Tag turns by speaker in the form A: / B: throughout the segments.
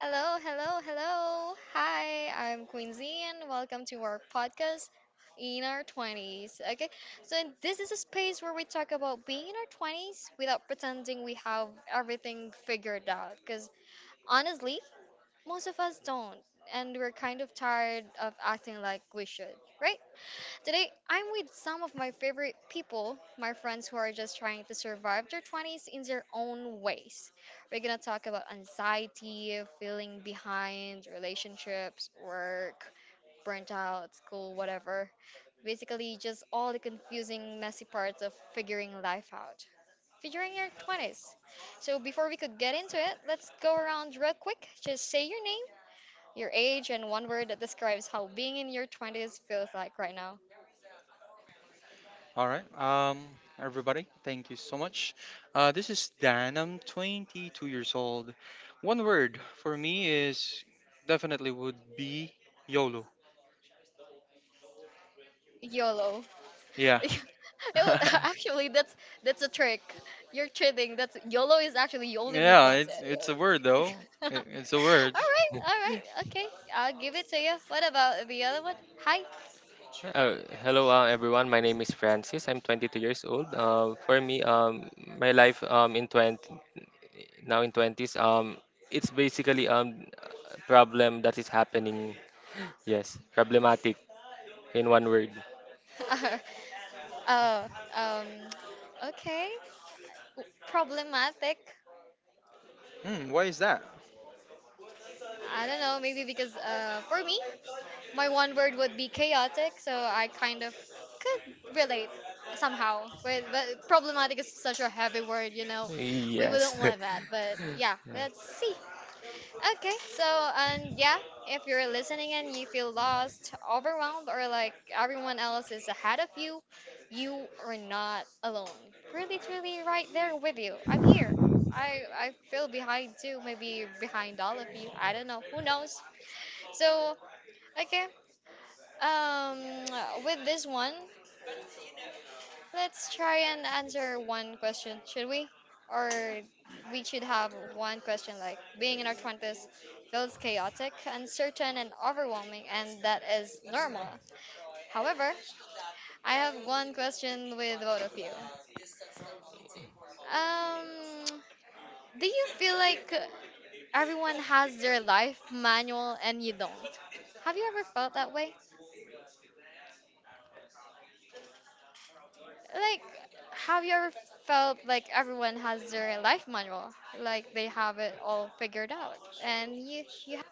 A: Hello, hello, hello. Hi, I'm Quincy and welcome to our podcast in our 20s. Okay, so this is a space where we talk about being in our 20s without pretending we have everything figured out because honestly, most of us don't, and we're kind of tired of acting like we should, right? Today, I'm with some of my favorite people, my friends who are just trying to survive their 20s in their own ways. We're gonna talk about anxiety, feeling behind, relationships, work, burnt out, school, whatever. Basically, just all the confusing, messy parts of figuring life out, figuring your 20s. So, before we could get into it, let's go around real quick. Just say your name, your age, and one word that describes how being in your 20s feels like right now.
B: All right, everybody, thank you so much. This is Dan. I'm 22 years old. One word for me is definitely would be YOLO.
A: YOLO.
B: Yeah,
A: Ew, actually, that's a trick. You're kidding. That's YOLO is actually you only live
B: yeah,
A: once.
B: it's a word
A: Eh,
B: though.
A: uh,
B: It's a word.
A: all right, all right, okay. I'll give it to you. What about the other one? Hi.
C: Sure. Hello, everyone. My name is Francis. I'm 22 years old. For me, my life um, in 20 now in 20s, it's basically a problem that is happening. Yes, problematic in one word.
A: Oh, um, okay. Problematic.
B: Hmm, why is that?
A: I don't know. Maybe because for me, my one word would be chaotic, so I kind of could relate somehow with, but problematic is such a heavy word. We wouldn't
C: Yes.
A: want that, but yeah,
C: Yeah.
A: let's see. Okay, so and yeah, if you're listening and you feel lost, overwhelmed, or like everyone else is ahead of you, you are not alone. Really, truly right there with you. I'm here. I feel behind too, maybe behind all of you. I don't know, who knows? So okay, um, with this one, let's try and answer one question, should we? Or we should have one question, like being in our 20s feels chaotic, uncertain, and overwhelming, and that is normal. However, I have one question with both of you. Um, do you feel like everyone has their life manual and you don't? Have you ever felt that way? Like, have you ever felt like everyone has their life manual, like they have it all figured out, and you have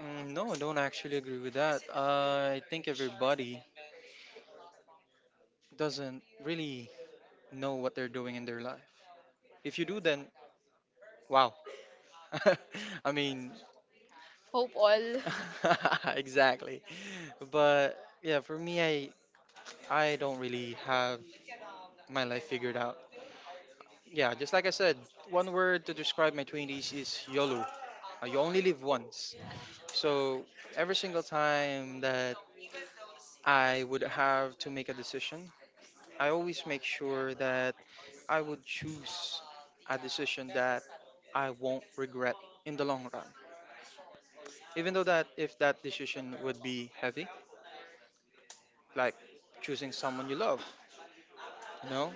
B: Mm, no, I don't actually agree with that. I think everybody doesn't really know what they're doing in their life. If you do, then wow. I mean,
A: Hope all.
B: exactly. But yeah, for me, I don't really have my life figured out. Yeah, just like I said, one word to describe my 20s is YOLO. You only live once. So every single time that I would have to make a decision, I always make sure that I would choose a decision that I won't regret in the long run. Even though that if that decision would be heavy, like choosing someone you love, you know,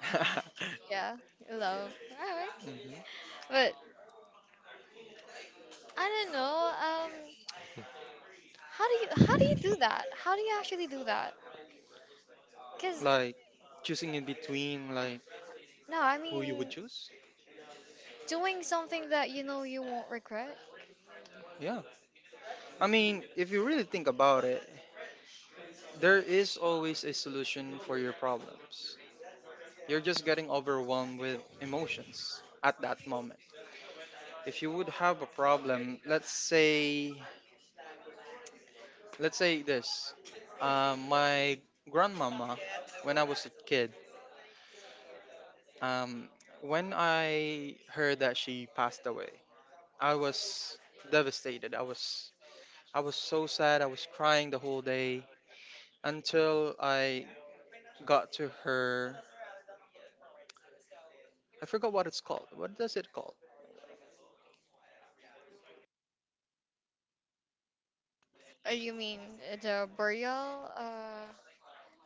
A: Yeah, love, all right,
B: mhm.
A: but I don't know, how do you do that? How do you actually do that? Cause
B: Like choosing in between like
A: no, I
B: who you would
A: mean
B: choose.
A: doing something that you know you won't regret.
B: Yeah. I mean, if you really think about it, there is always a solution for your problems. You're just getting overwhelmed with emotions at that moment. If you would have a problem, let's say this. My grandmama when I was a kid, um, when I heard that she passed away, I was devastated. I was so sad. I was crying the whole day until I got to her. I forgot what it's called. What does it called?
A: You mean the burial?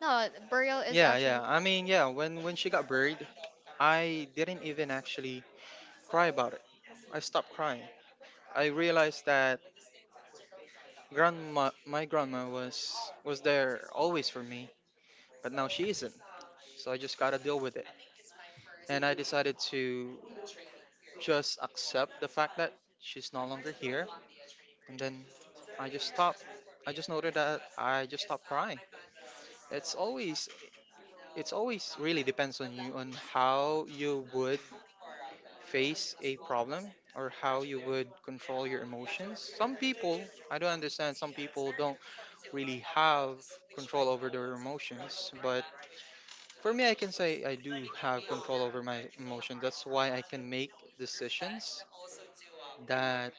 A: No, burial is
B: Yeah, yeah.
A: actually
B: I mean, yeah. When she got buried, I didn't even actually cry about it. I stopped crying. I realized that my grandma was there always for me, but now she isn't. So I just gotta deal with it. And I decided to just accept the fact that she's no longer here. And then I just stopped. I just noted that I just stopped crying. It's always it's always really depends on you on how you would face a problem or how you would control your emotions. Some people, I don't understand, some people don't really have control over their emotions, but for me I can say I do have control over my emotions. That's why I can make decisions that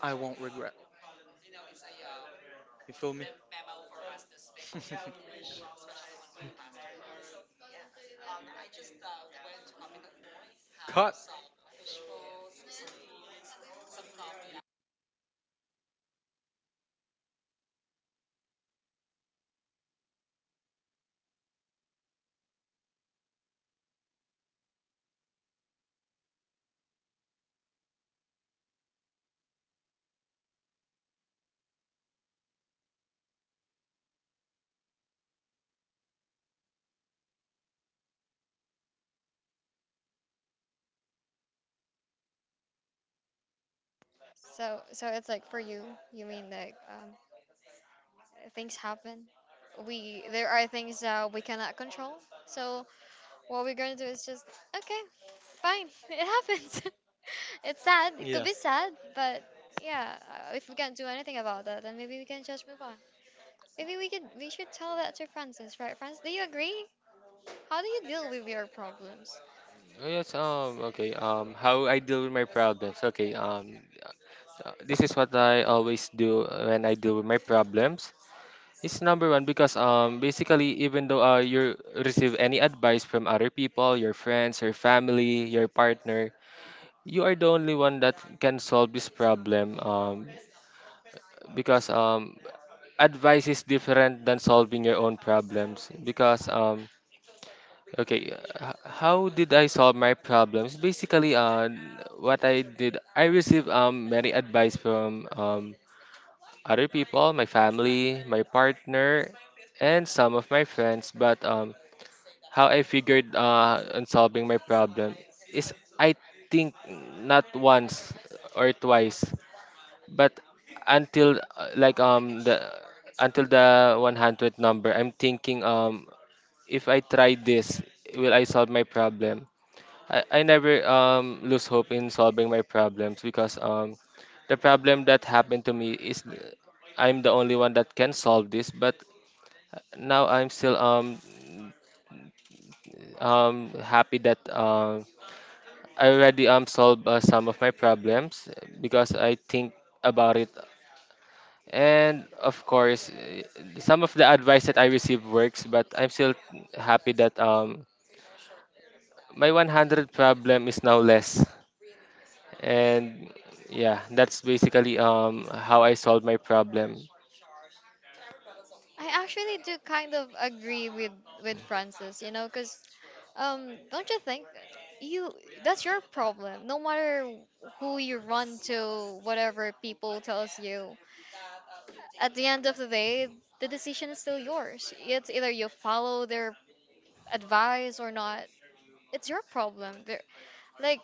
B: I won't regret. You feel me? Cut.
A: so it's like for you. You mean like things happen. We There are things that we cannot control. So what we're gonna do is just okay, fine. It happens. It's sad. It could
B: Yeah.
A: be sad, but yeah, if we can't do anything about that, then maybe we can just move on. Maybe we should tell that to Francis, right? Francis, do you agree? How do you deal with your problems?
C: Oh, yes, okay, how I deal with my problems. Okay, this is what I always do when I deal with my problems. It's number one because, basically, even though you receive any advice from other people, your friends, your family, your partner, you are the only one that can solve this problem. Because Advice is different than solving your own problems. How did I solve my problems? Basically, what I did, I received many advice from other people, my family, my partner, and some of my friends. But how I figured on solving my problem is I think not once or twice, but until like the until the 100th number. I'm thinking, if I try this, will I solve my problem? I never lose hope in solving my problems, because the problem that happened to me is I'm the only one that can solve this. But now I'm still happy that I already solved some of my problems because I think about it, and of course, some of the advice that I received works. But I'm still happy that my 100 problem is now less, and yeah, that's basically how I solved my problem.
A: I actually do kind of agree with Francis, because don't you think you that's your problem. No matter who you run to, whatever people tells you, at the end of the day, the decision is still yours. It's either you follow their advice or not. It's your problem. There, like,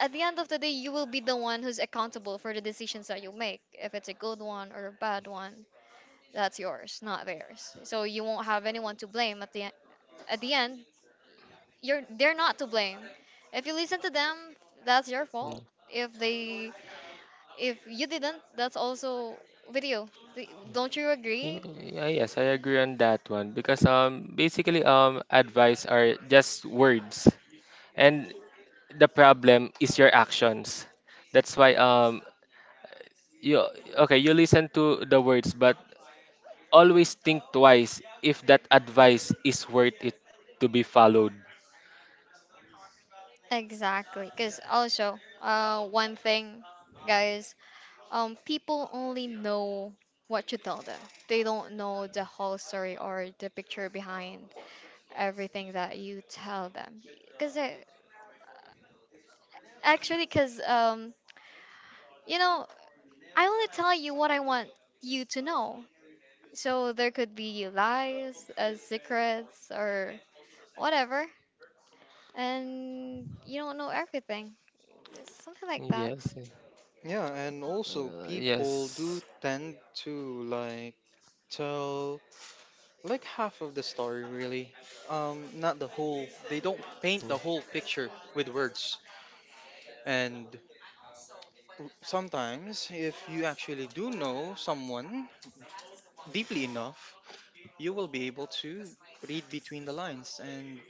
A: at the end of the day, you will be the one who's accountable for the decisions that you make, if it's a good one or a bad one. That's yours, not theirs. So you won't have anyone to blame at the end. You're, they're not to blame. If you listen to them, that's your
C: Mm.
A: fault. If they if you didn't, that's also with you. Don't you
C: Y-
A: agree?
C: yeah, yes, I agree on that one, because basically, advice are just words, and the problem is your actions. That's why, you, okay, you listen to the words, but always think twice if that advice is worth it to be followed.
A: Exactly, because also, one thing, guys, people only know what you tell them. They don't know the whole story or the picture behind everything that you tell them. Because actually, because You know, I only tell you what I want you to know. So there could be lies, secrets, or whatever. And you don't know everything. Something like that.
C: Yes.
B: Yeah, and also
C: uh,
B: people do
C: yes
B: tend to like tell like half of the story really. Um, not the whole. They don't paint the whole picture with words. And sometimes if you actually do know someone deeply enough, you will be able to read between the lines and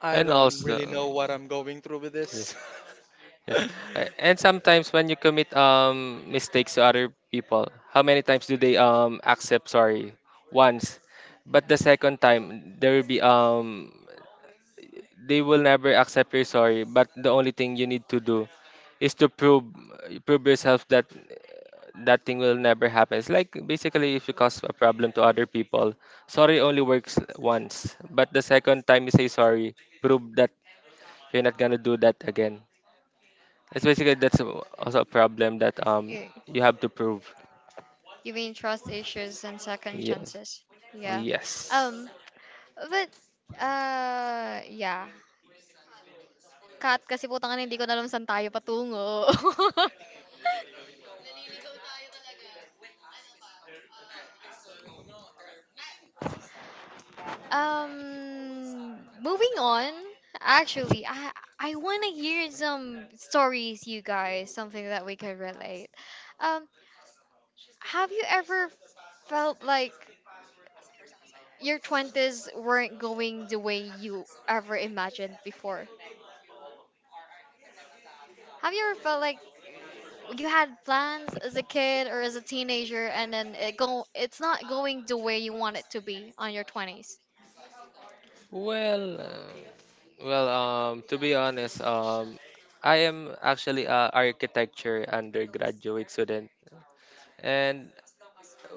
B: I
C: and
B: don't
C: also,
B: really know what I'm going through with
C: yeah.
B: this.
C: Yes. And sometimes when you commit mistakes to other people, how many times do they accept sorry? Once. But the second time, there will be they will never accept your sorry, but the only thing you need to do is to prove, prove yourself that that thing will never happen. It's like, basically, if you cause a problem to other people, sorry only works once, but the second time you say sorry, prove that you're not gonna do that again. It's basically, that's also a problem that
A: Yeah.
C: you have to prove.
A: You mean trust issues and second
C: Yes.
A: chances. Yeah.
C: Yes.
A: Um, but, yeah. Kat, kasi putang ina, hindi ko na alam saan tayo patungo. Moving on. Actually, I want to hear some stories, you guys, something that we could relate. Um, have you ever felt like your twenties weren't going the way you ever imagined before? Have you ever felt like you had plans as a kid or as a teenager, and then it's not going the way you want it to be on your twenties?
C: Well, uh, to be honest, I am actually a architecture undergraduate student, and,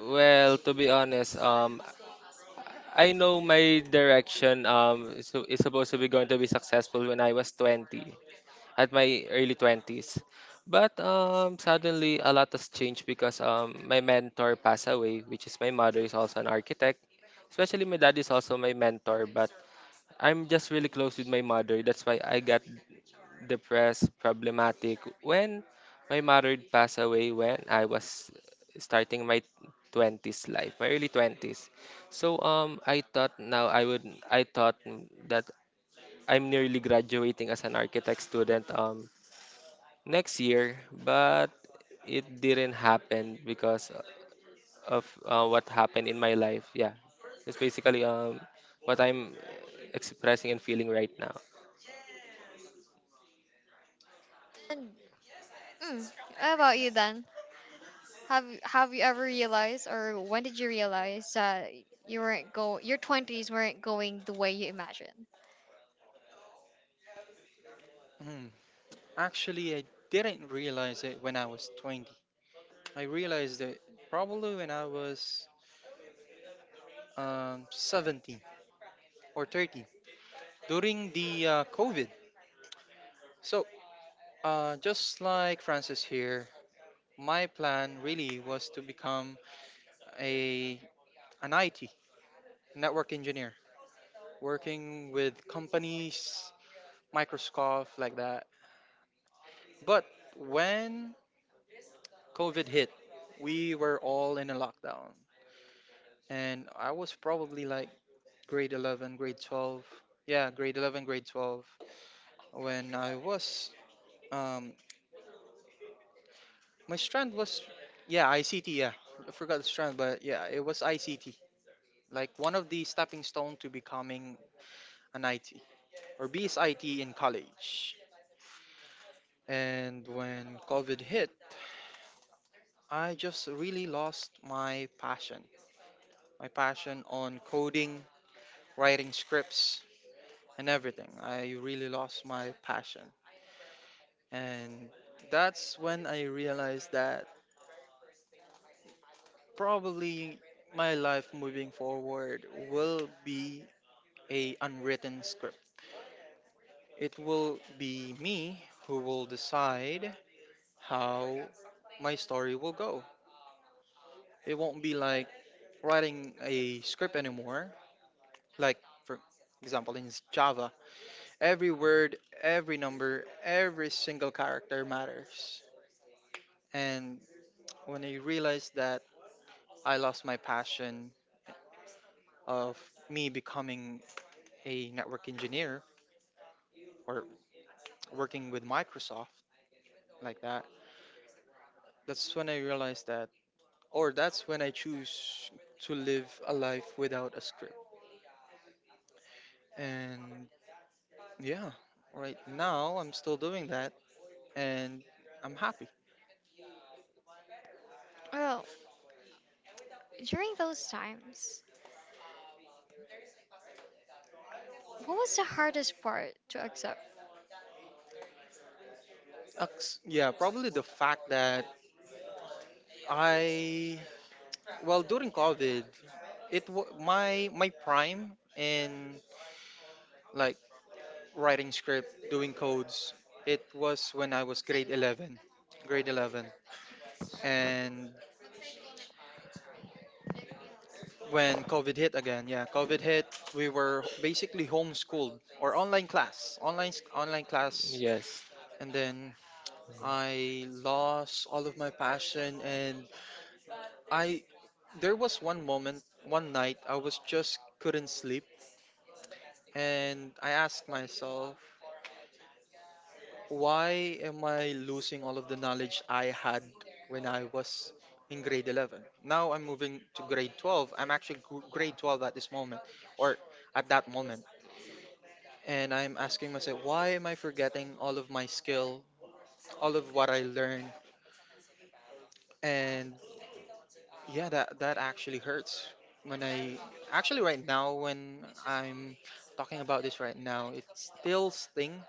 C: well, to be honest, I know my direction is supposed to be going to be successful when I was 20, at my early 20s. But suddenly, a lot has changed because, my mentor passed away, which is my mother is also an architect. Especially my dad is also my mentor, but I'm just really close with my mother. That's why I got depressed, problematic, when my mother passed away when I was starting my 20s life, my early 20s. So, I thought now I would, I thought that I'm nearly graduating as an architect student. Next year. But it didn't happen because of what happened in my life. Yeah, it's basically what I'm expressing and feeling right now.
A: And mm, how about you? Have you ever realized, or when did you realize that your twenties weren't going the way you imagined?
B: Hmm. Actually, I didn't realize it when I was 20. I realized it probably when I was 17 or 30 during the COVID. So, just like Francis here, my plan really was to become a an IT network engineer, working with companies, Microsoft, like that. But when COVID hit, we were all in a lockdown, and I was probably like grade 11, grade 12. Yeah, grade 11, grade 12. When I was um my strand was yeah, ICT, yeah. I forgot the strand, but yeah, it was ICT. Like one of the stepping stone to becoming an IT or BSIT in college. And when COVID hit, I just really lost my passion. My passion on coding, writing scripts, and everything. I really lost my passion. And that's when I realized that probably my life moving forward will be a unwritten script. It will be me who will decide how my story will go. It won't be like writing a script anymore. Like for example in Java, every word, every number, every single character matters. And when I realized that I lost my passion of me becoming a network engineer or working with Microsoft like that, that's when I realized that, or that's when I choose to live a life without a script. And yeah, right now I'm still doing that and I'm happy.
A: Well, during those times, what was the hardest part to accept?
B: Yeah, probably the fact that I, well, during COVID, it wa my prime in like writing script, doing codes, it was when I was grade 11, grade 11. And when COVID hit again, yeah, COVID hit, we were basically homeschooled or online class, online class,
C: Yes.
B: and then I lost all of my passion and I there was one moment, one night I was just couldn't sleep and I asked myself, why am I losing all of the knowledge I had when I was in grade 11? Now I'm moving to grade 12. I'm actually grade 12 at this moment or at that moment and I'm asking myself, why am I forgetting all of my skill, all of what I learned? And yeah, that actually hurts. When I actually right now, when I'm talking about this right now, it still sting.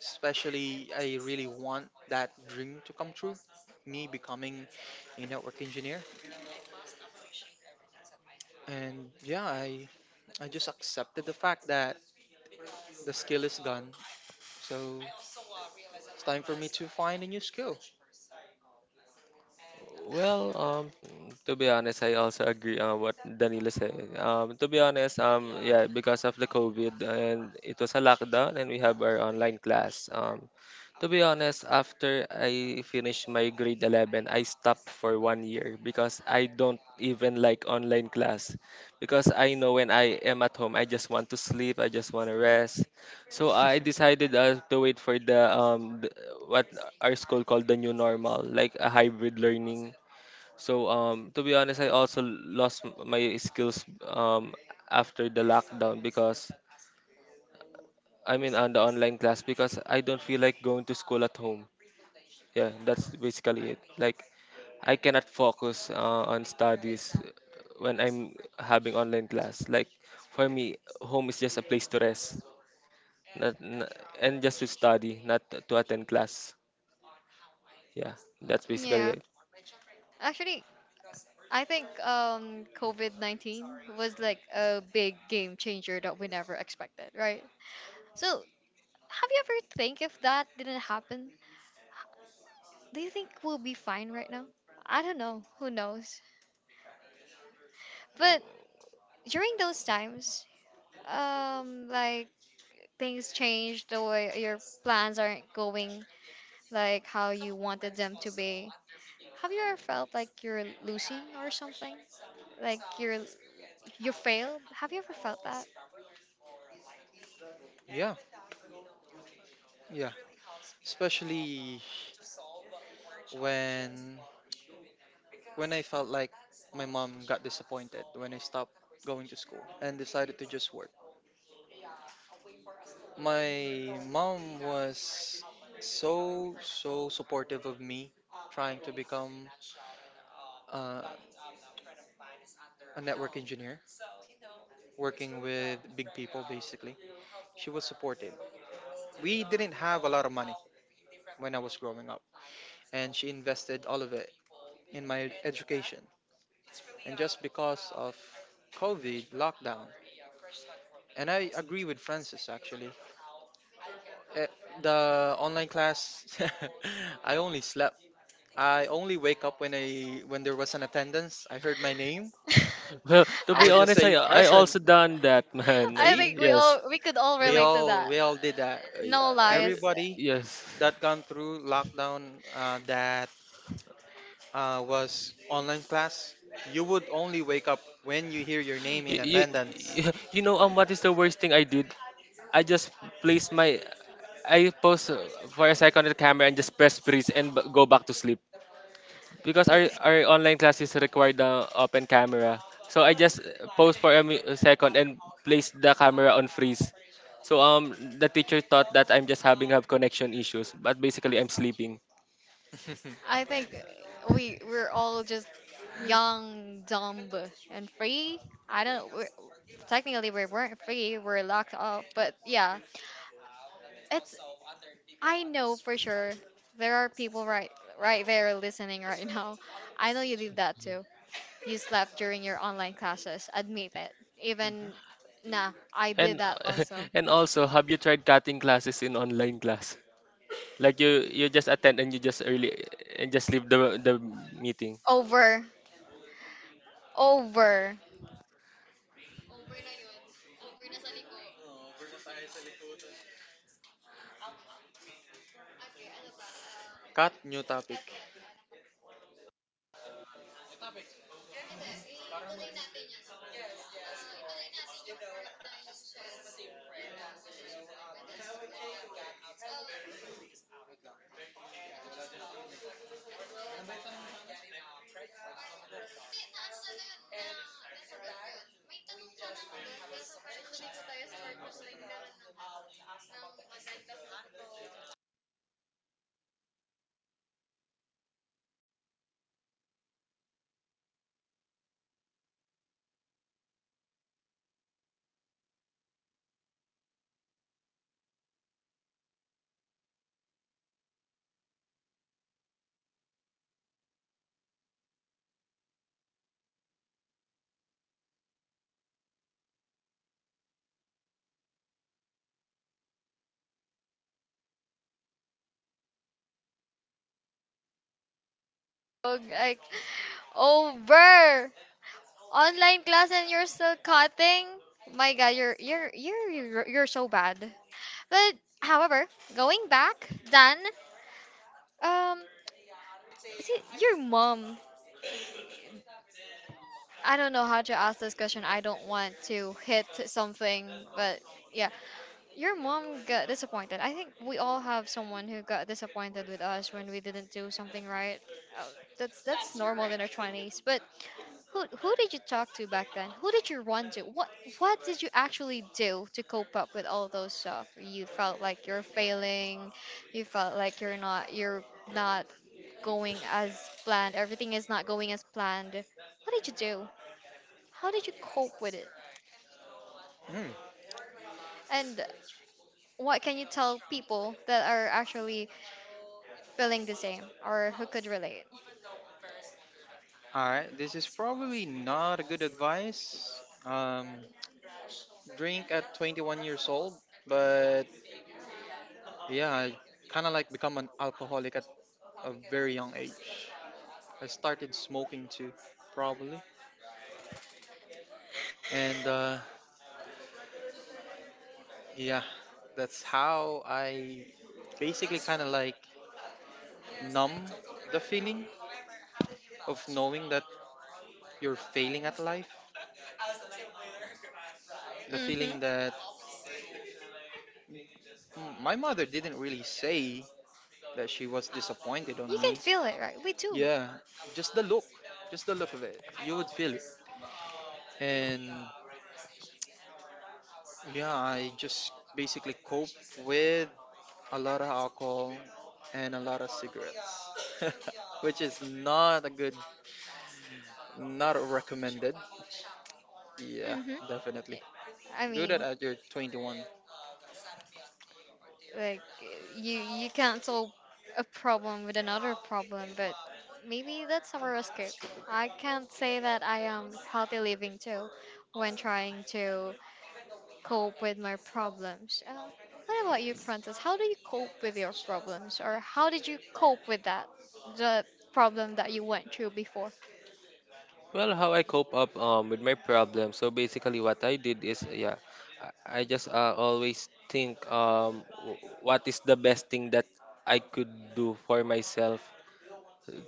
B: Especially, I really want that dream to come true, me becoming a network engineer. And yeah, I just accepted the fact that the skill is gone. So it's time for me to find a new skill.
C: Well, to be honest, I also agree on what Danilo said. To be honest, yeah, because of the COVID and it was a lockdown, and we have our online class. To be honest, after I finished my grade 11, I stopped for 1 year because I don't even like online class. Because I know when I am at home, I just want to sleep, I just want to rest. So I decided to wait for the what our school called the new normal, like a hybrid learning. So, to be honest, I also lost my skills after the lockdown because I mean on the online class, because I don't feel like going to school at home. Yeah, that's basically it. Like, I cannot focus on studies when I'm having online class. Like, for me, home is just a place to rest, not, n and just to study, not to attend class. Yeah, that's basically
A: Yeah,
C: it.
A: actually, I think COVID COVID-19 was like a big game changer that we never expected, right? So, have you ever think if that didn't happen, do you think we'll be fine right now? I don't know. Who knows? But during those times, like, things change, the way your plans aren't going like how you wanted them to be. Have you ever felt like you're losing or something? Like you failed? Have you ever felt that?
B: Yeah, yeah. Especially when when I felt like my mom got disappointed when I stopped going to school and decided to just work. My mom was so supportive of me trying to become uh, a network engineer, working with big people basically. She was supportive. We didn't have a lot of money when I was growing up, and she invested all of it in my education. And just because of COVID lockdown. And I agree with Francis actually. Eh, The online class, I only slept. I only wake up when I when there was an attendance. I heard my name.
C: Well, to
B: I
C: be
B: would just
C: honest, i
B: say
C: i
B: present.
C: also done that, man.
A: I
B: See,
A: think
C: Yes.
A: we could all relate to that.
B: we all did that.
C: Uh,
A: No
C: yeah, yeah,
A: lies.
B: Everybody
C: yes.
B: that gone through lockdown that was online class, you would only wake up when you hear your name in
C: you, you,
B: attendance.
C: you know what is the worst thing I did? I just placed my, I post for a second on the camera and just press freeze and go back to sleep, because our our online classes require the open camera. So I just pause for a, a second and place the camera on freeze. So, the teacher thought that I'm just having, have connection issues, but basically I'm sleeping.
A: I think we're all just young, dumb, and free. I don't know. We're, technically, we weren't free. We're locked up. But yeah, it's, I know for sure there are people right there listening right now. I know you did that too. You slept during your online classes. Admit it.
B: Mhm.
A: Even nah, I did
C: And
A: that also.
C: and also, have you tried cutting classes in online class? Like, you just attend and you just early and just leave the meeting.
A: Over. Over.
B: Cut new topic.
A: Oh, like, over. Online class and you're still cutting? My god, you're so bad. But however, going back, Dan, um see, your mom, I don't know how to ask this question. I don't want to hit something, but yeah, your mom got disappointed. I think we all have someone who got disappointed with us when we didn't do something right. Uh, that's normal in our twenties. But who did you talk to back then? Who did you run to? What did you actually do to cope up with all those stuff? You felt like you're failing. You felt like you're not going as planned. Everything is not going as planned. What did you do? How did you cope with it?
B: Hmm.
A: And what can you tell people that are actually feeling the same or who could relate?
B: All right, this is probably not a good advice. Drink at 21 years old, but yeah, I kind of like become an alcoholic at a very young age. I started smoking too, probably, and yeah, that's how I basically kind of like numb the feeling of knowing that you're failing at life. The
A: Mm-hmm.
B: feeling that my mother didn't really say that she was disappointed on
A: You
B: me.
A: can feel it, right? We do.
B: Yeah, just the look, just the look of it, you would feel it. And yeah, I just basically cope with a lot of alcohol and a lot of cigarettes, which is not a good, not recommended. Yeah,
A: Mm-hmm.
B: definitely.
A: I
B: Do that
A: mean,
B: at your 21.
A: like, you can't solve a problem with another problem, but maybe that's our escape. I can't say that I am healthy living too when trying to cope with my problems. What about you, Francis? How do you cope with your problems, or how did you cope with that the problem that you went through before?
C: Well, how I cope up, with my problem. So basically, what I did is, yeah, I just, always think, what is the best thing that I could do for myself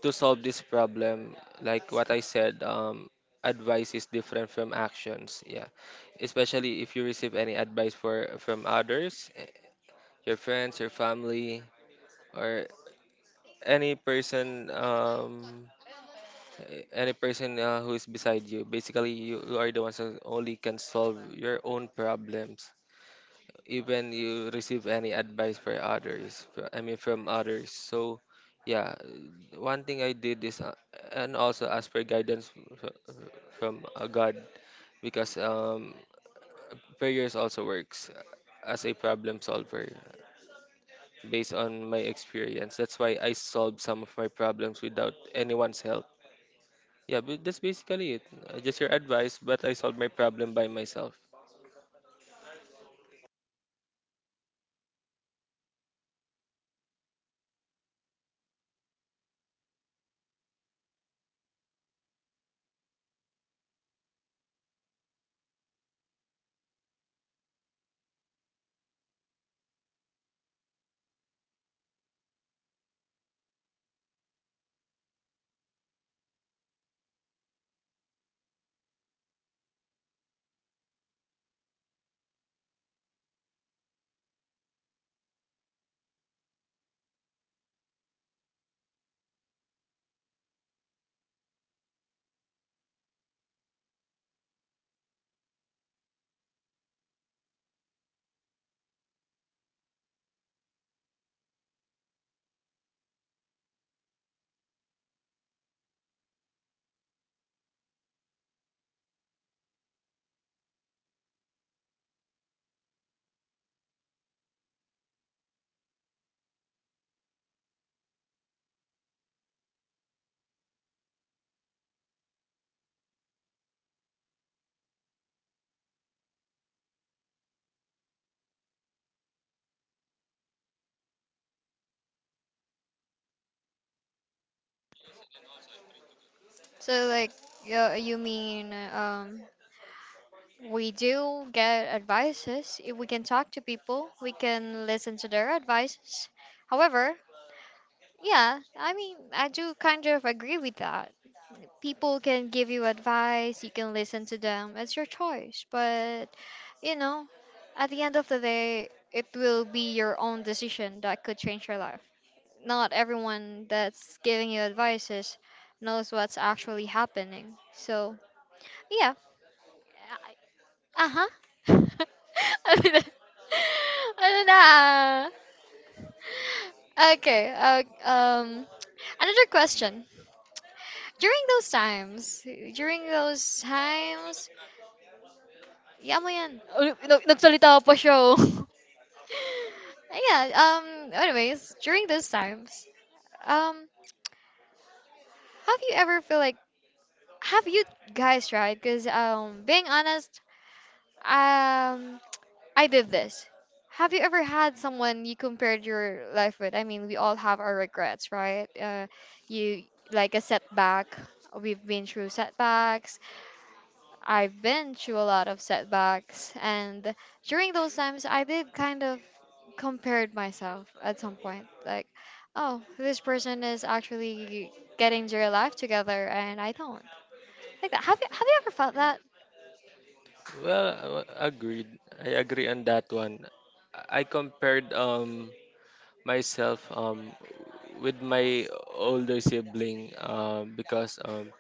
C: to solve this problem. Like what I said, advice is different from actions. Yeah, especially if you receive any advice for from others, your friends, your family, or any person, any person who is beside you. Basically, you are the ones who only can solve your own problems, even you receive any advice for others, from others. So yeah, one thing I did is, and also ask for guidance, fr- from, God, because prayers also works as a problem solver, based on my experience. That's why I solved some of my problems without anyone's help. Yeah, but that's basically it. Just your advice, but I solved my problem by myself.
A: So, like, you mean, we do get advices. If we can talk to people, we can listen to their advices. However, yeah, I mean, I do kind of agree with that. People can give you advice, you can listen to them, it's your choice, but, you know at the end of the day it will be your own decision that could change your life. Not everyone that's giving you advices knows what's actually happening, so yeah. Uh-huh. Ano na? Okay, another question, during those times during those times. Iya mo yan. Uy, nag- Nagsalita pa siya, oh. Yeah, anyways, during those times, um, have you ever feel like, have you guys tried? Because, being honest, um, I did this. Have you ever had someone you compared your life with? I mean, we all have our regrets, right? You, like, a setback. We've been through setbacks. I've been through a lot of setbacks, and during those times, I did kind of compared myself at some point. Like, oh, this person is actually getting their life together, and I don't. Like that. Have you ever felt that?
C: Well, agreed. I agree on that one. I compared myself with my older sibling, because,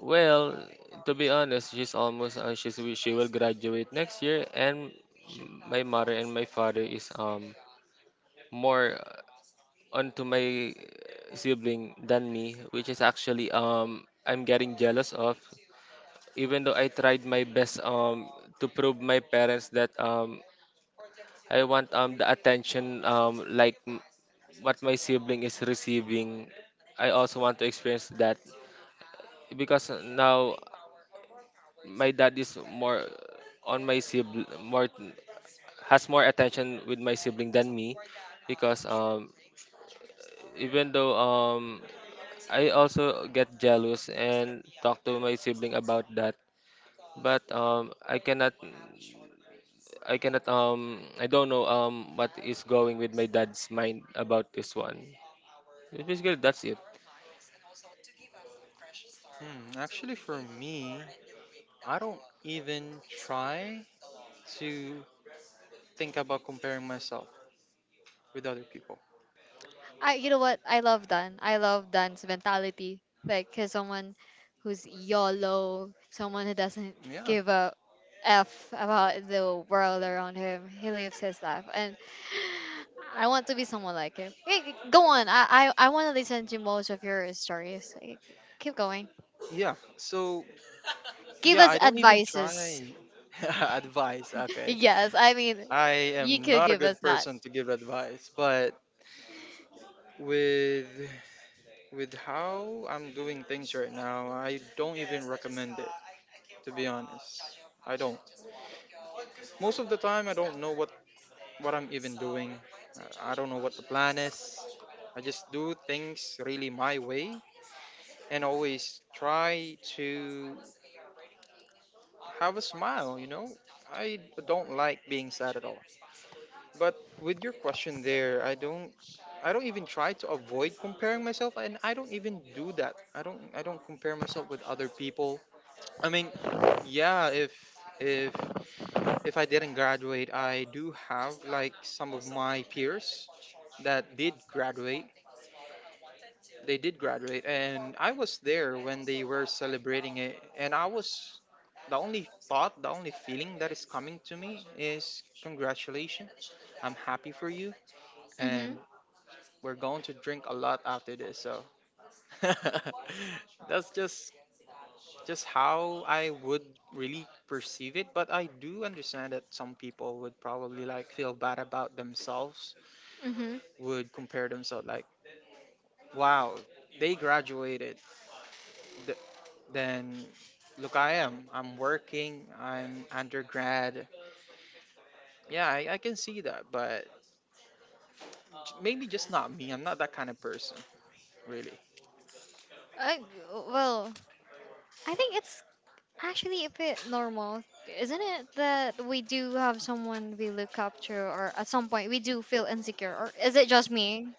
C: well, to be honest, she's almost, she's, she will graduate next year, and my mother and my father is more onto my sibling than me, which is actually I'm getting jealous of, even though I tried my best to prove my parents that I want the attention what my sibling is receiving. I also want to experience that, because now my dad is more on my sibling, more has more attention with my sibling than me, because, even though, I also get jealous and talk to my sibling about that, but, I cannot, I don't know, what is going with my dad's mind about this one. Basically, that's it.
B: Hmm, actually, for me, I don't even try to think about comparing myself with other people.
A: I You know what? I love Dan. I love Dan's mentality. Like, he's someone who's YOLO, someone who doesn't
B: Yeah,
A: give a F about the world around him. He lives his life. And I want to be someone like him. Hey, go on. I wanna listen to most of your stories. Like, keep going.
B: yeah. So
A: Give
B: yeah,
A: us
B: I don't even
A: advices.
B: try advice. Okay,
A: Yes, I mean,
B: I
A: you
B: am
A: could
B: not a
A: give us
B: good
A: that.
B: person to give advice, but with how I'm doing things right now, I don't even recommend it. To be honest, I don't. Most of the time, I don't know what I'm even doing. I don't know what the plan is. I just do things really my way and always try to have a smile. You know, I don't like being sad at all. But with your question there, I don't even try to avoid comparing myself and I don't even do that. I don't compare myself with other people. I mean, yeah, if if I didn't graduate, I do have like some of my peers that did graduate. They did graduate and I was there when they were celebrating it and I was the only thought, the only feeling that is coming to me is congratulations. I'm happy for you
A: Mm-hmm.
B: and we're going to drink a lot after this. So that's just how I would really perceive it. But I do understand that some people would probably like feel bad about themselves,
A: Mm-hmm.
B: would compare themselves like, wow, they graduated. Th- then look, I am. I'm working. I'm undergrad. Yeah, I can see that, but maybe just not me. I'm not that kind of person, really.
A: I, well, I think it's, actually, a bit normal, isn't it? That we do have someone we look up to, or at some point we do feel insecure, or is it just me?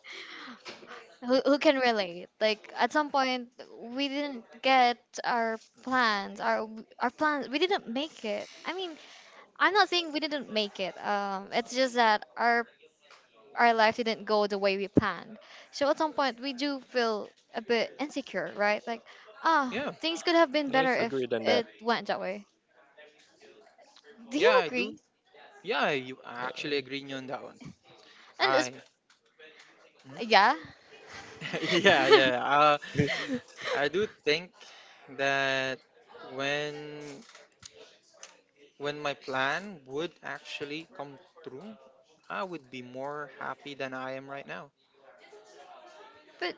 A: Who can relate? Like at some point we didn't get our plans, our plans. We didn't make it. I mean, I'm not saying we didn't make it. It's just that our life didn't go the way we planned. So at some point we do feel a bit insecure, right? Like,
B: Yeah,
A: things could have been better
C: Yes,
A: if
C: agreed on that.
A: it went that way. Do
B: yeah,
A: you
B: I do.
A: agree?
B: Yeah, you, I actually agree
C: Yeah.
B: on that one.
A: And it's
B: I mhm.
A: yeah.
B: Yeah, yeah. I do think that when when my plan would actually come through, I would be more happy than I am right now.
A: But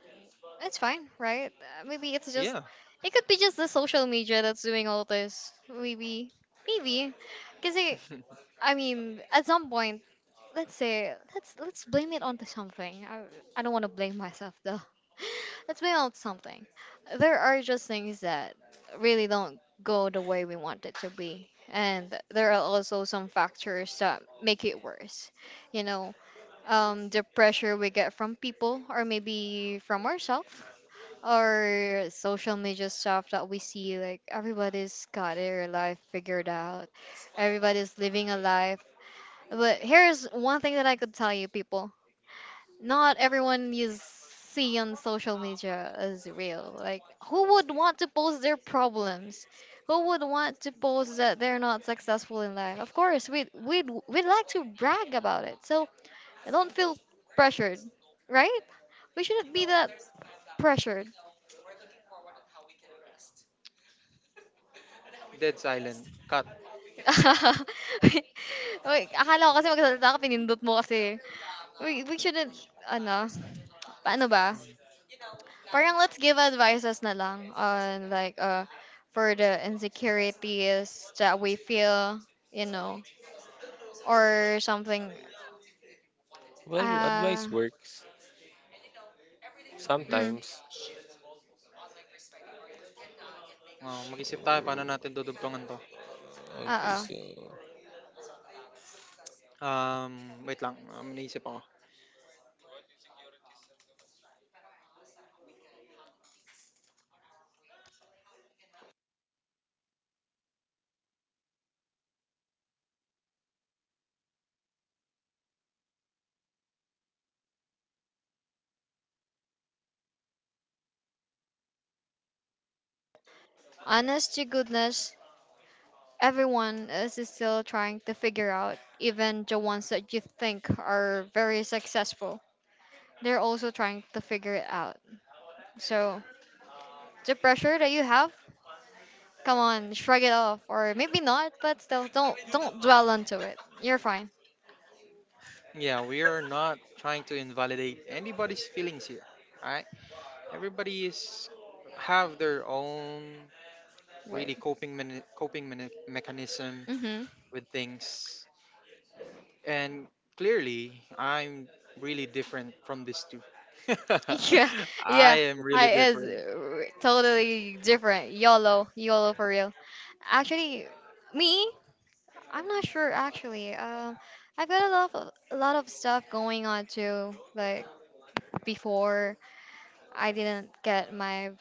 A: it's fine, right? Maybe
B: Yeah.
A: it could be just the social media that's doing all this. Maybe, maybe, because I mean, at some point, let's say let's blame it onto something. I don't want to blame myself though. Let's blame it on something. There are just things that really don't go the way we want it to be. And there are also some factors that make it worse. You know, the pressure we get from people or maybe from ourselves or social media stuff that we see, like everybody's got their life figured out, everybody's living a life. But here's one thing that I could tell you, people, not everyone you see on social media is real. Like, who would want to post their problems? Who would want to post that they're not successful in life? Of course we'd like to brag about it. So I don't feel pressured, right? We shouldn't be that pressured.
B: Dead silent. Cut.
A: Wait, wait, akala ko kasi magsalita ka, pinindot mo kasi. We shouldn't, ano, paano ba?
B: Mm.
A: Parang let's give advices na lang on, like, for the insecurities that we feel, you know, or something.
C: Well,
A: Uh,
C: advice works
B: Mm.
A: mm,
C: sometimes.
B: Oh, mag-isip tayo paano natin
C: Uh,
B: dudugtungan to.
C: Okay,
A: uh
C: so,
B: Wait lang. Naisip ako.
A: Honest to goodness, everyone is still trying to figure out, even the ones that you think are very successful. They're also trying to figure it out. So the pressure that you have, come on, shrug it off, or maybe not, but still, don't dwell onto it. You're fine.
B: Yeah, we are not trying to invalidate anybody's feelings here, right? Everybody is have their own
A: Wait.
B: really mechanism
A: Mhm.
B: with things. And clearly, I'm really different from these two.
A: Yeah.
B: I
A: Yeah.
B: am really
A: I is
B: different.
A: totally different. YOLO. YOLO for real. Actually, me. I'm not sure actually. I've got a lot of stuff going on too. Like before, I didn't get my.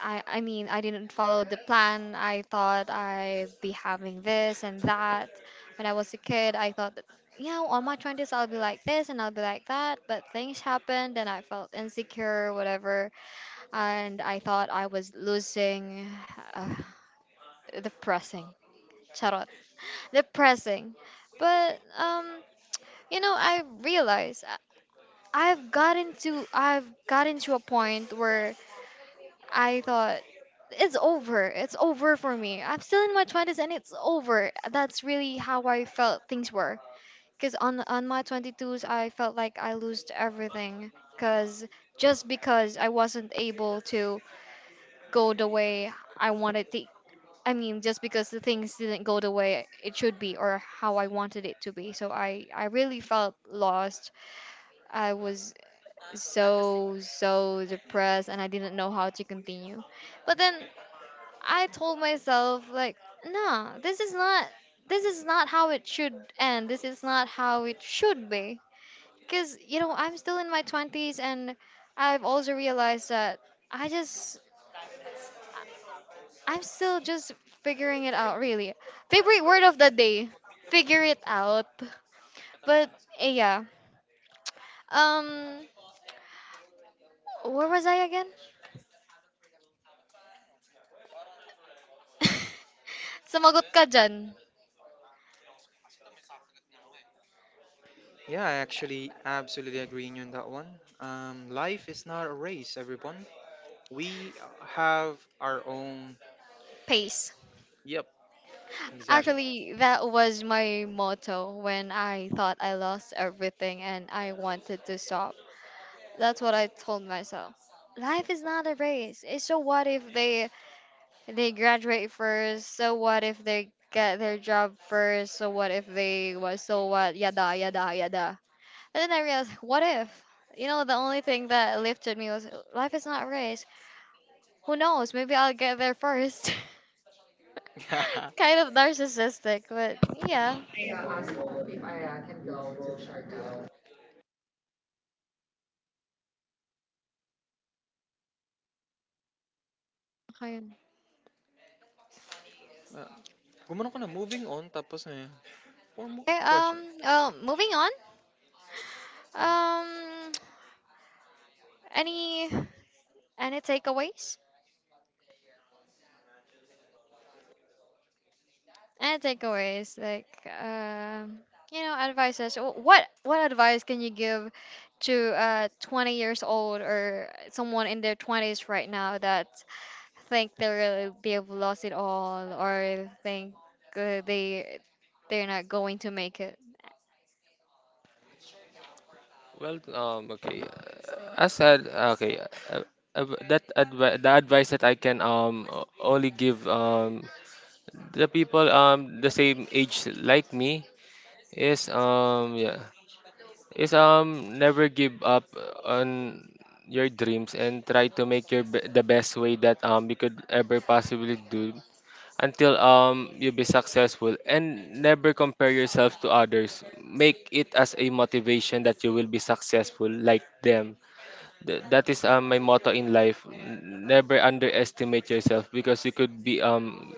A: I mean, I didn't follow the plan. I thought I'd be having this and that. When I was a kid, I thought that, you know, on my twenties, I'll be like this and I'll be like that. But things happened, and I felt insecure, whatever. And I thought I was losing. Uh, Depressing. Charot. Depressing. But. You know, I realized I've gotten to a point where I thought it's over. It's over for me. I'm still in my 20s and it's over. That's really how I felt things were. Cuz on my 22s I felt like I lost everything, cuz just because I wasn't able to go the way I wanted to. I mean, just because the things didn't go the way it should be or how I wanted it to be. So I really felt lost. I was so depressed and I didn't know how to continue. But then I told myself like, nah, this is not how it should end. This is not how it should be. Cuz you know, I'm still in my 20s and I've also realized that I just I'm still just figuring it out really. Favorite word of the day, figure it out. But yeah. Um where was I again? Sumagot ka dyan.
B: Yeah, I actually absolutely agreeing on that one. Life is not a race, everyone. We have our own.
A: Pace.
B: Yep, exactly.
A: Actually, that was my motto when I thought I lost everything and I wanted to stop. That's what I told myself. Life is not a race. Eh, so what if they graduate first? So what if they get their job first? So what if they was so what yada yada yada. And then I realized, what if? You know, the only thing that lifted me was life is not a race. Who knows? Maybe I'll get there first. Kind of narcissistic, but yeah.
B: Uh, Gumano ka na, moving on, tapos na yun. One more
A: Okay,
B: question.
A: well, moving on. Um, any any takeaways? Any takeaways? Like, um, you know, advices. What what advice can you give to 20 years old or someone in their 20s right now that think they really they've lost it all or think uh, they they're not going to make it?
C: well, I said, that the advice that I can only give the people the same age like me. Yes, yeah. Is, never give up on your dreams, and try to make your the best way that you could ever possibly do until you be successful, and never compare yourself to others. Make it as a motivation that you will be successful like them. That is my motto in life. Never underestimate yourself, because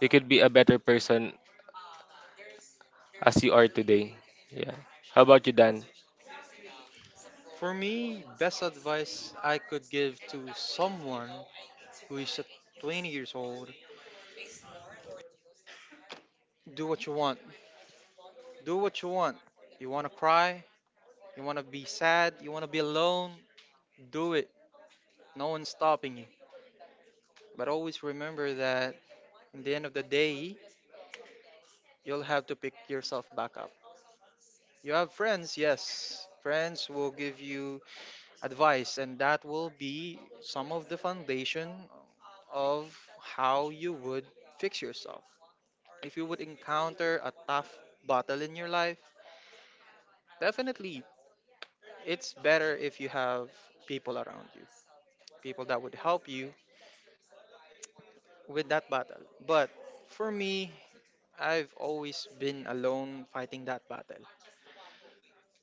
C: you could be a better person as you are today. Yeah. How about you, Dan?
B: For me, best advice I could give to someone who is at 20 years old. Do what you want. Do what you want. You want to cry? You want to be sad? You want to be alone? Do it. No one's stopping you. But always remember that in the end of the day, you'll have to pick yourself back up. You have friends, yes. Friends will give you advice, and that will be some of the foundation of how you would fix yourself. If you would encounter a tough battle in your life, definitely it's better if you have people around you, people that would help you with that battle. But for me, I've always been alone fighting that battle.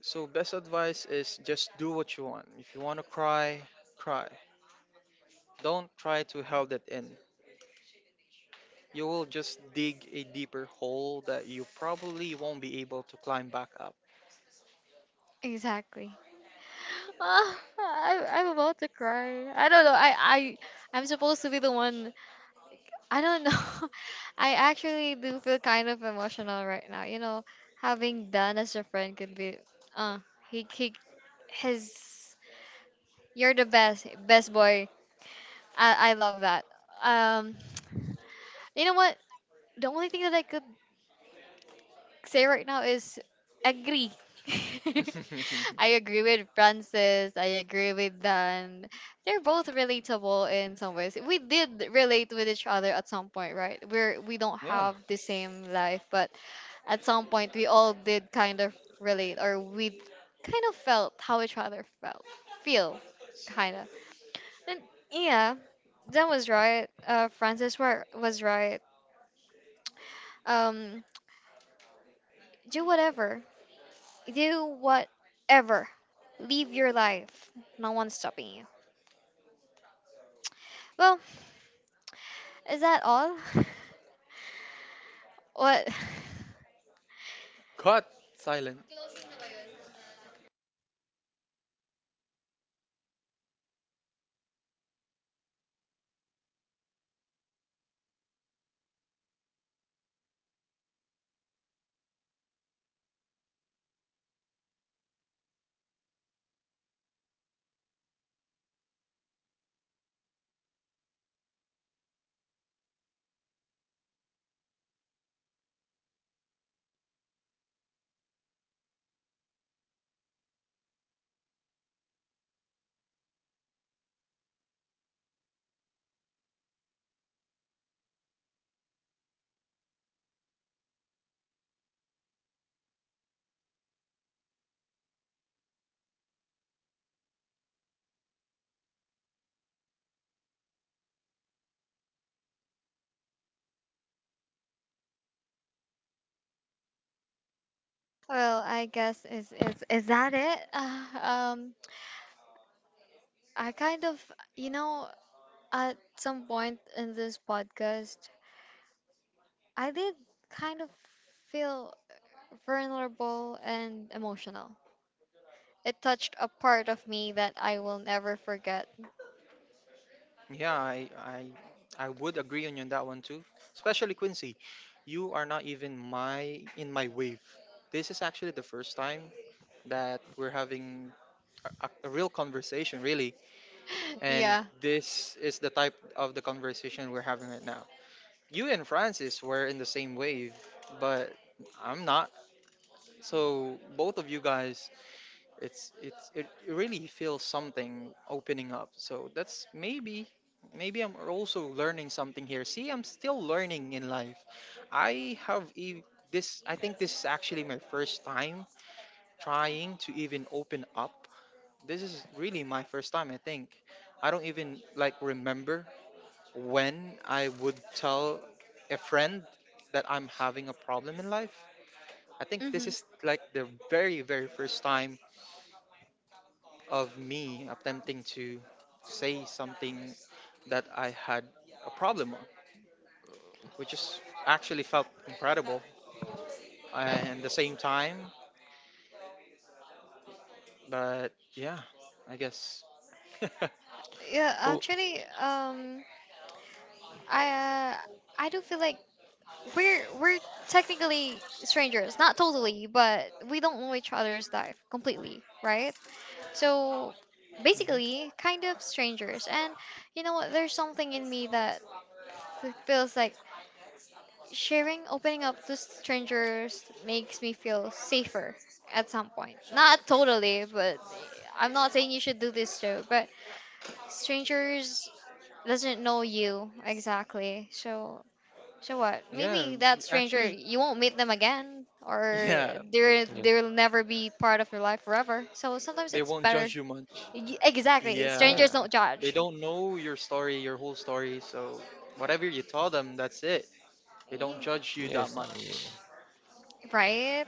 B: So, best advice is just do what you want. If you want to cry, cry. Don't try to hold it in. You will just dig a deeper hole that you probably won't be able to climb back up.
A: Exactly. Ah, I'm about to cry. I don't know. I I'm supposed to be the one. I don't know. I actually do feel kind of emotional right now. You know, having Dan as a friend could be, uh, he, he, his, you're the best, best boy. I love that. Um, you know what? The only thing that I could say right now is agree. I agree with Francis. I agree with Dan. They're both relatable in some ways. We did relate with each other at some point, right? We don't
B: Yeah.
A: have the same life, but at some point we all did kind of relate, or we kind of felt how each other felt, feel, kind of. And yeah, Dan was right, was right, um do whatever, do whatever, live your life, no one's stopping you. Well, is that all? What?
B: Cut. Silent.
A: Well, I guess is that it? Um I kind of, you know, at some point in this podcast, I did kind of feel vulnerable and emotional. It touched a part of me that I will never forget.
B: Yeah, I would agree on you on that one too. Especially Quincy, you are not even my in my wave. This is actually the first time that we're having a real conversation, really. And
A: Yeah.
B: this is the type of the conversation we're having right now. You and Francis were in the same wave, but I'm not. So both of you guys it's it really feels something opening up. So that's maybe maybe I'm also learning something here. See, I'm still learning in life. I have e- this. I think this is actually my first time trying to even open up. This is really my first time. I think I don't even like remember when I would tell a friend that I'm having a problem in life. I think this
A: Mm-hmm.
B: is like the very first time of me attempting to say something that I had a problem on, which is actually felt incredible and the same time. But yeah, I guess.
A: Yeah, actually, I uh, I do feel like we're technically strangers, not totally, but we don't know each other's life completely, right? So
B: Mhm.
A: basically, kind of strangers. And you know what? There's something in me that feels like sharing, opening up to strangers makes me feel safer at some point. Not totally, but I'm not saying you should do this too. But strangers doesn't know you exactly, so so what?
B: Yeah,
A: Maybe that stranger
B: actually,
A: you won't meet them again, or
B: yeah,
A: they're
C: Yes,
A: they'll never be part of your life forever. So sometimes
B: they
A: it's
B: won't
A: better.
B: judge you much.
A: Exactly, strangers
C: yes,
B: Yeah,
A: don't
B: they
A: judge,
B: don't know your story, your whole story. So whatever you tell them, that's it. They don't
A: Y-
B: judge you that
C: yes. uh, yeah.
B: much.
A: right?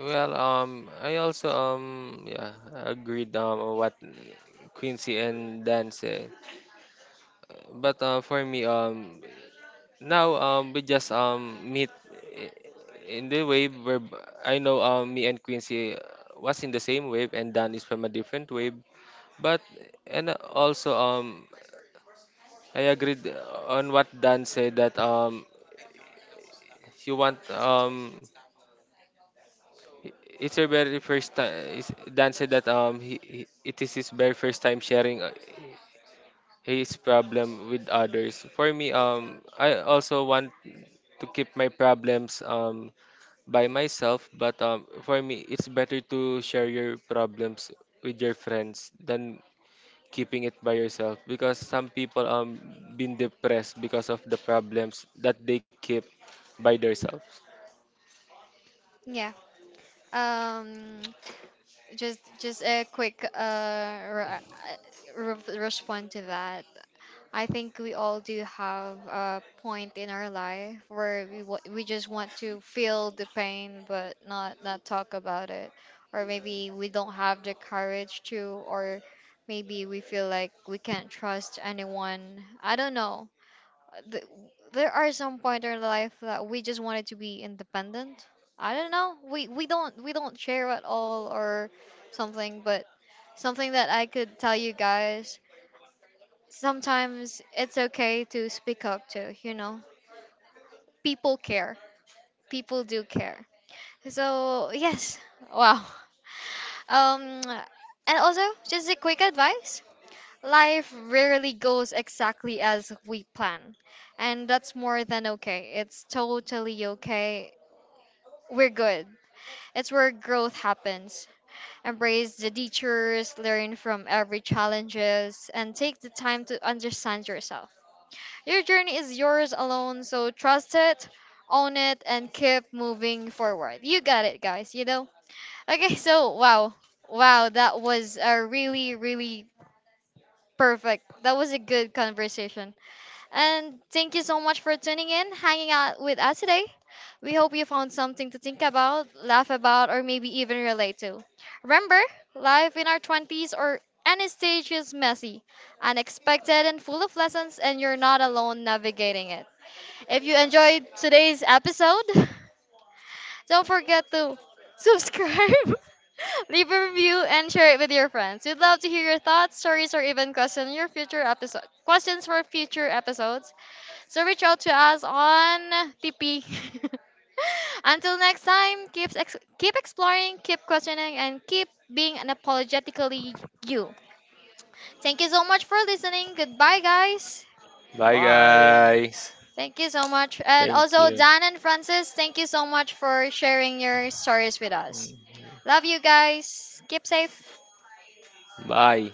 C: Well, I also yeah, agreed on what Quincy and Dan said. But, for me, now, we just meet, i- in the wave where I know, me and Quincy, was in the same wave, and Dan is from a different wave. But and also, I agreed on what Dan said that, you want um i- it's her very first time. Dan said that, he it is his very first time sharing his problem with others. For me, I also want to keep my problems by myself, but, for me, it's better to share your problems with your friends than keeping it by yourself, because some people been depressed because of the problems that they keep by themselves.
A: Yeah. Um. Just a quick respond to that. I think we all do have a point in our life where we just want to feel the pain but not talk about it, or maybe we don't have the courage to, or maybe we feel like we can't trust anyone, I don't know. th- there are some point in our life that we just wanted to be independent. I don't know. We don't share at all or something, but something that I could tell you guys. Sometimes it's okay to speak up to. You know, people care. People do care. So yes, wow. And also, just a quick advice. Life rarely goes exactly as we plan, and that's more than okay. It's totally okay. We're good. It's where growth happens. Embrace the detours, learn from every challenges, and take the time to understand yourself. Your journey is yours alone, so trust it, own it, and keep moving forward. You got it, guys, you know? Okay, so wow. Wow, that was a really, really perfect. That was a good conversation. And thank you so much for tuning in, hanging out with us today. We hope you found something to think about, laugh about, or maybe even relate to. Remember, life in our 20s or any stage is messy, unexpected, and full of lessons, and you're not alone navigating it. If you enjoyed today's episode, don't forget to subscribe, leave a review, and share it with your friends. We'd love to hear your thoughts, stories, or even questions for future episodes. So reach out to us on TP. Until next time, keep exploring, keep questioning, and keep being unapologetically you. Thank you so much for listening. Goodbye, guys.
C: Bye,
B: Bye.
C: guys.
A: Thank you so much. And
C: Thank
A: also,
C: you.
A: Dan and Francis, thank you so much for sharing your stories with us.
C: Mhm.
A: Love you guys. Keep safe.
C: Bye.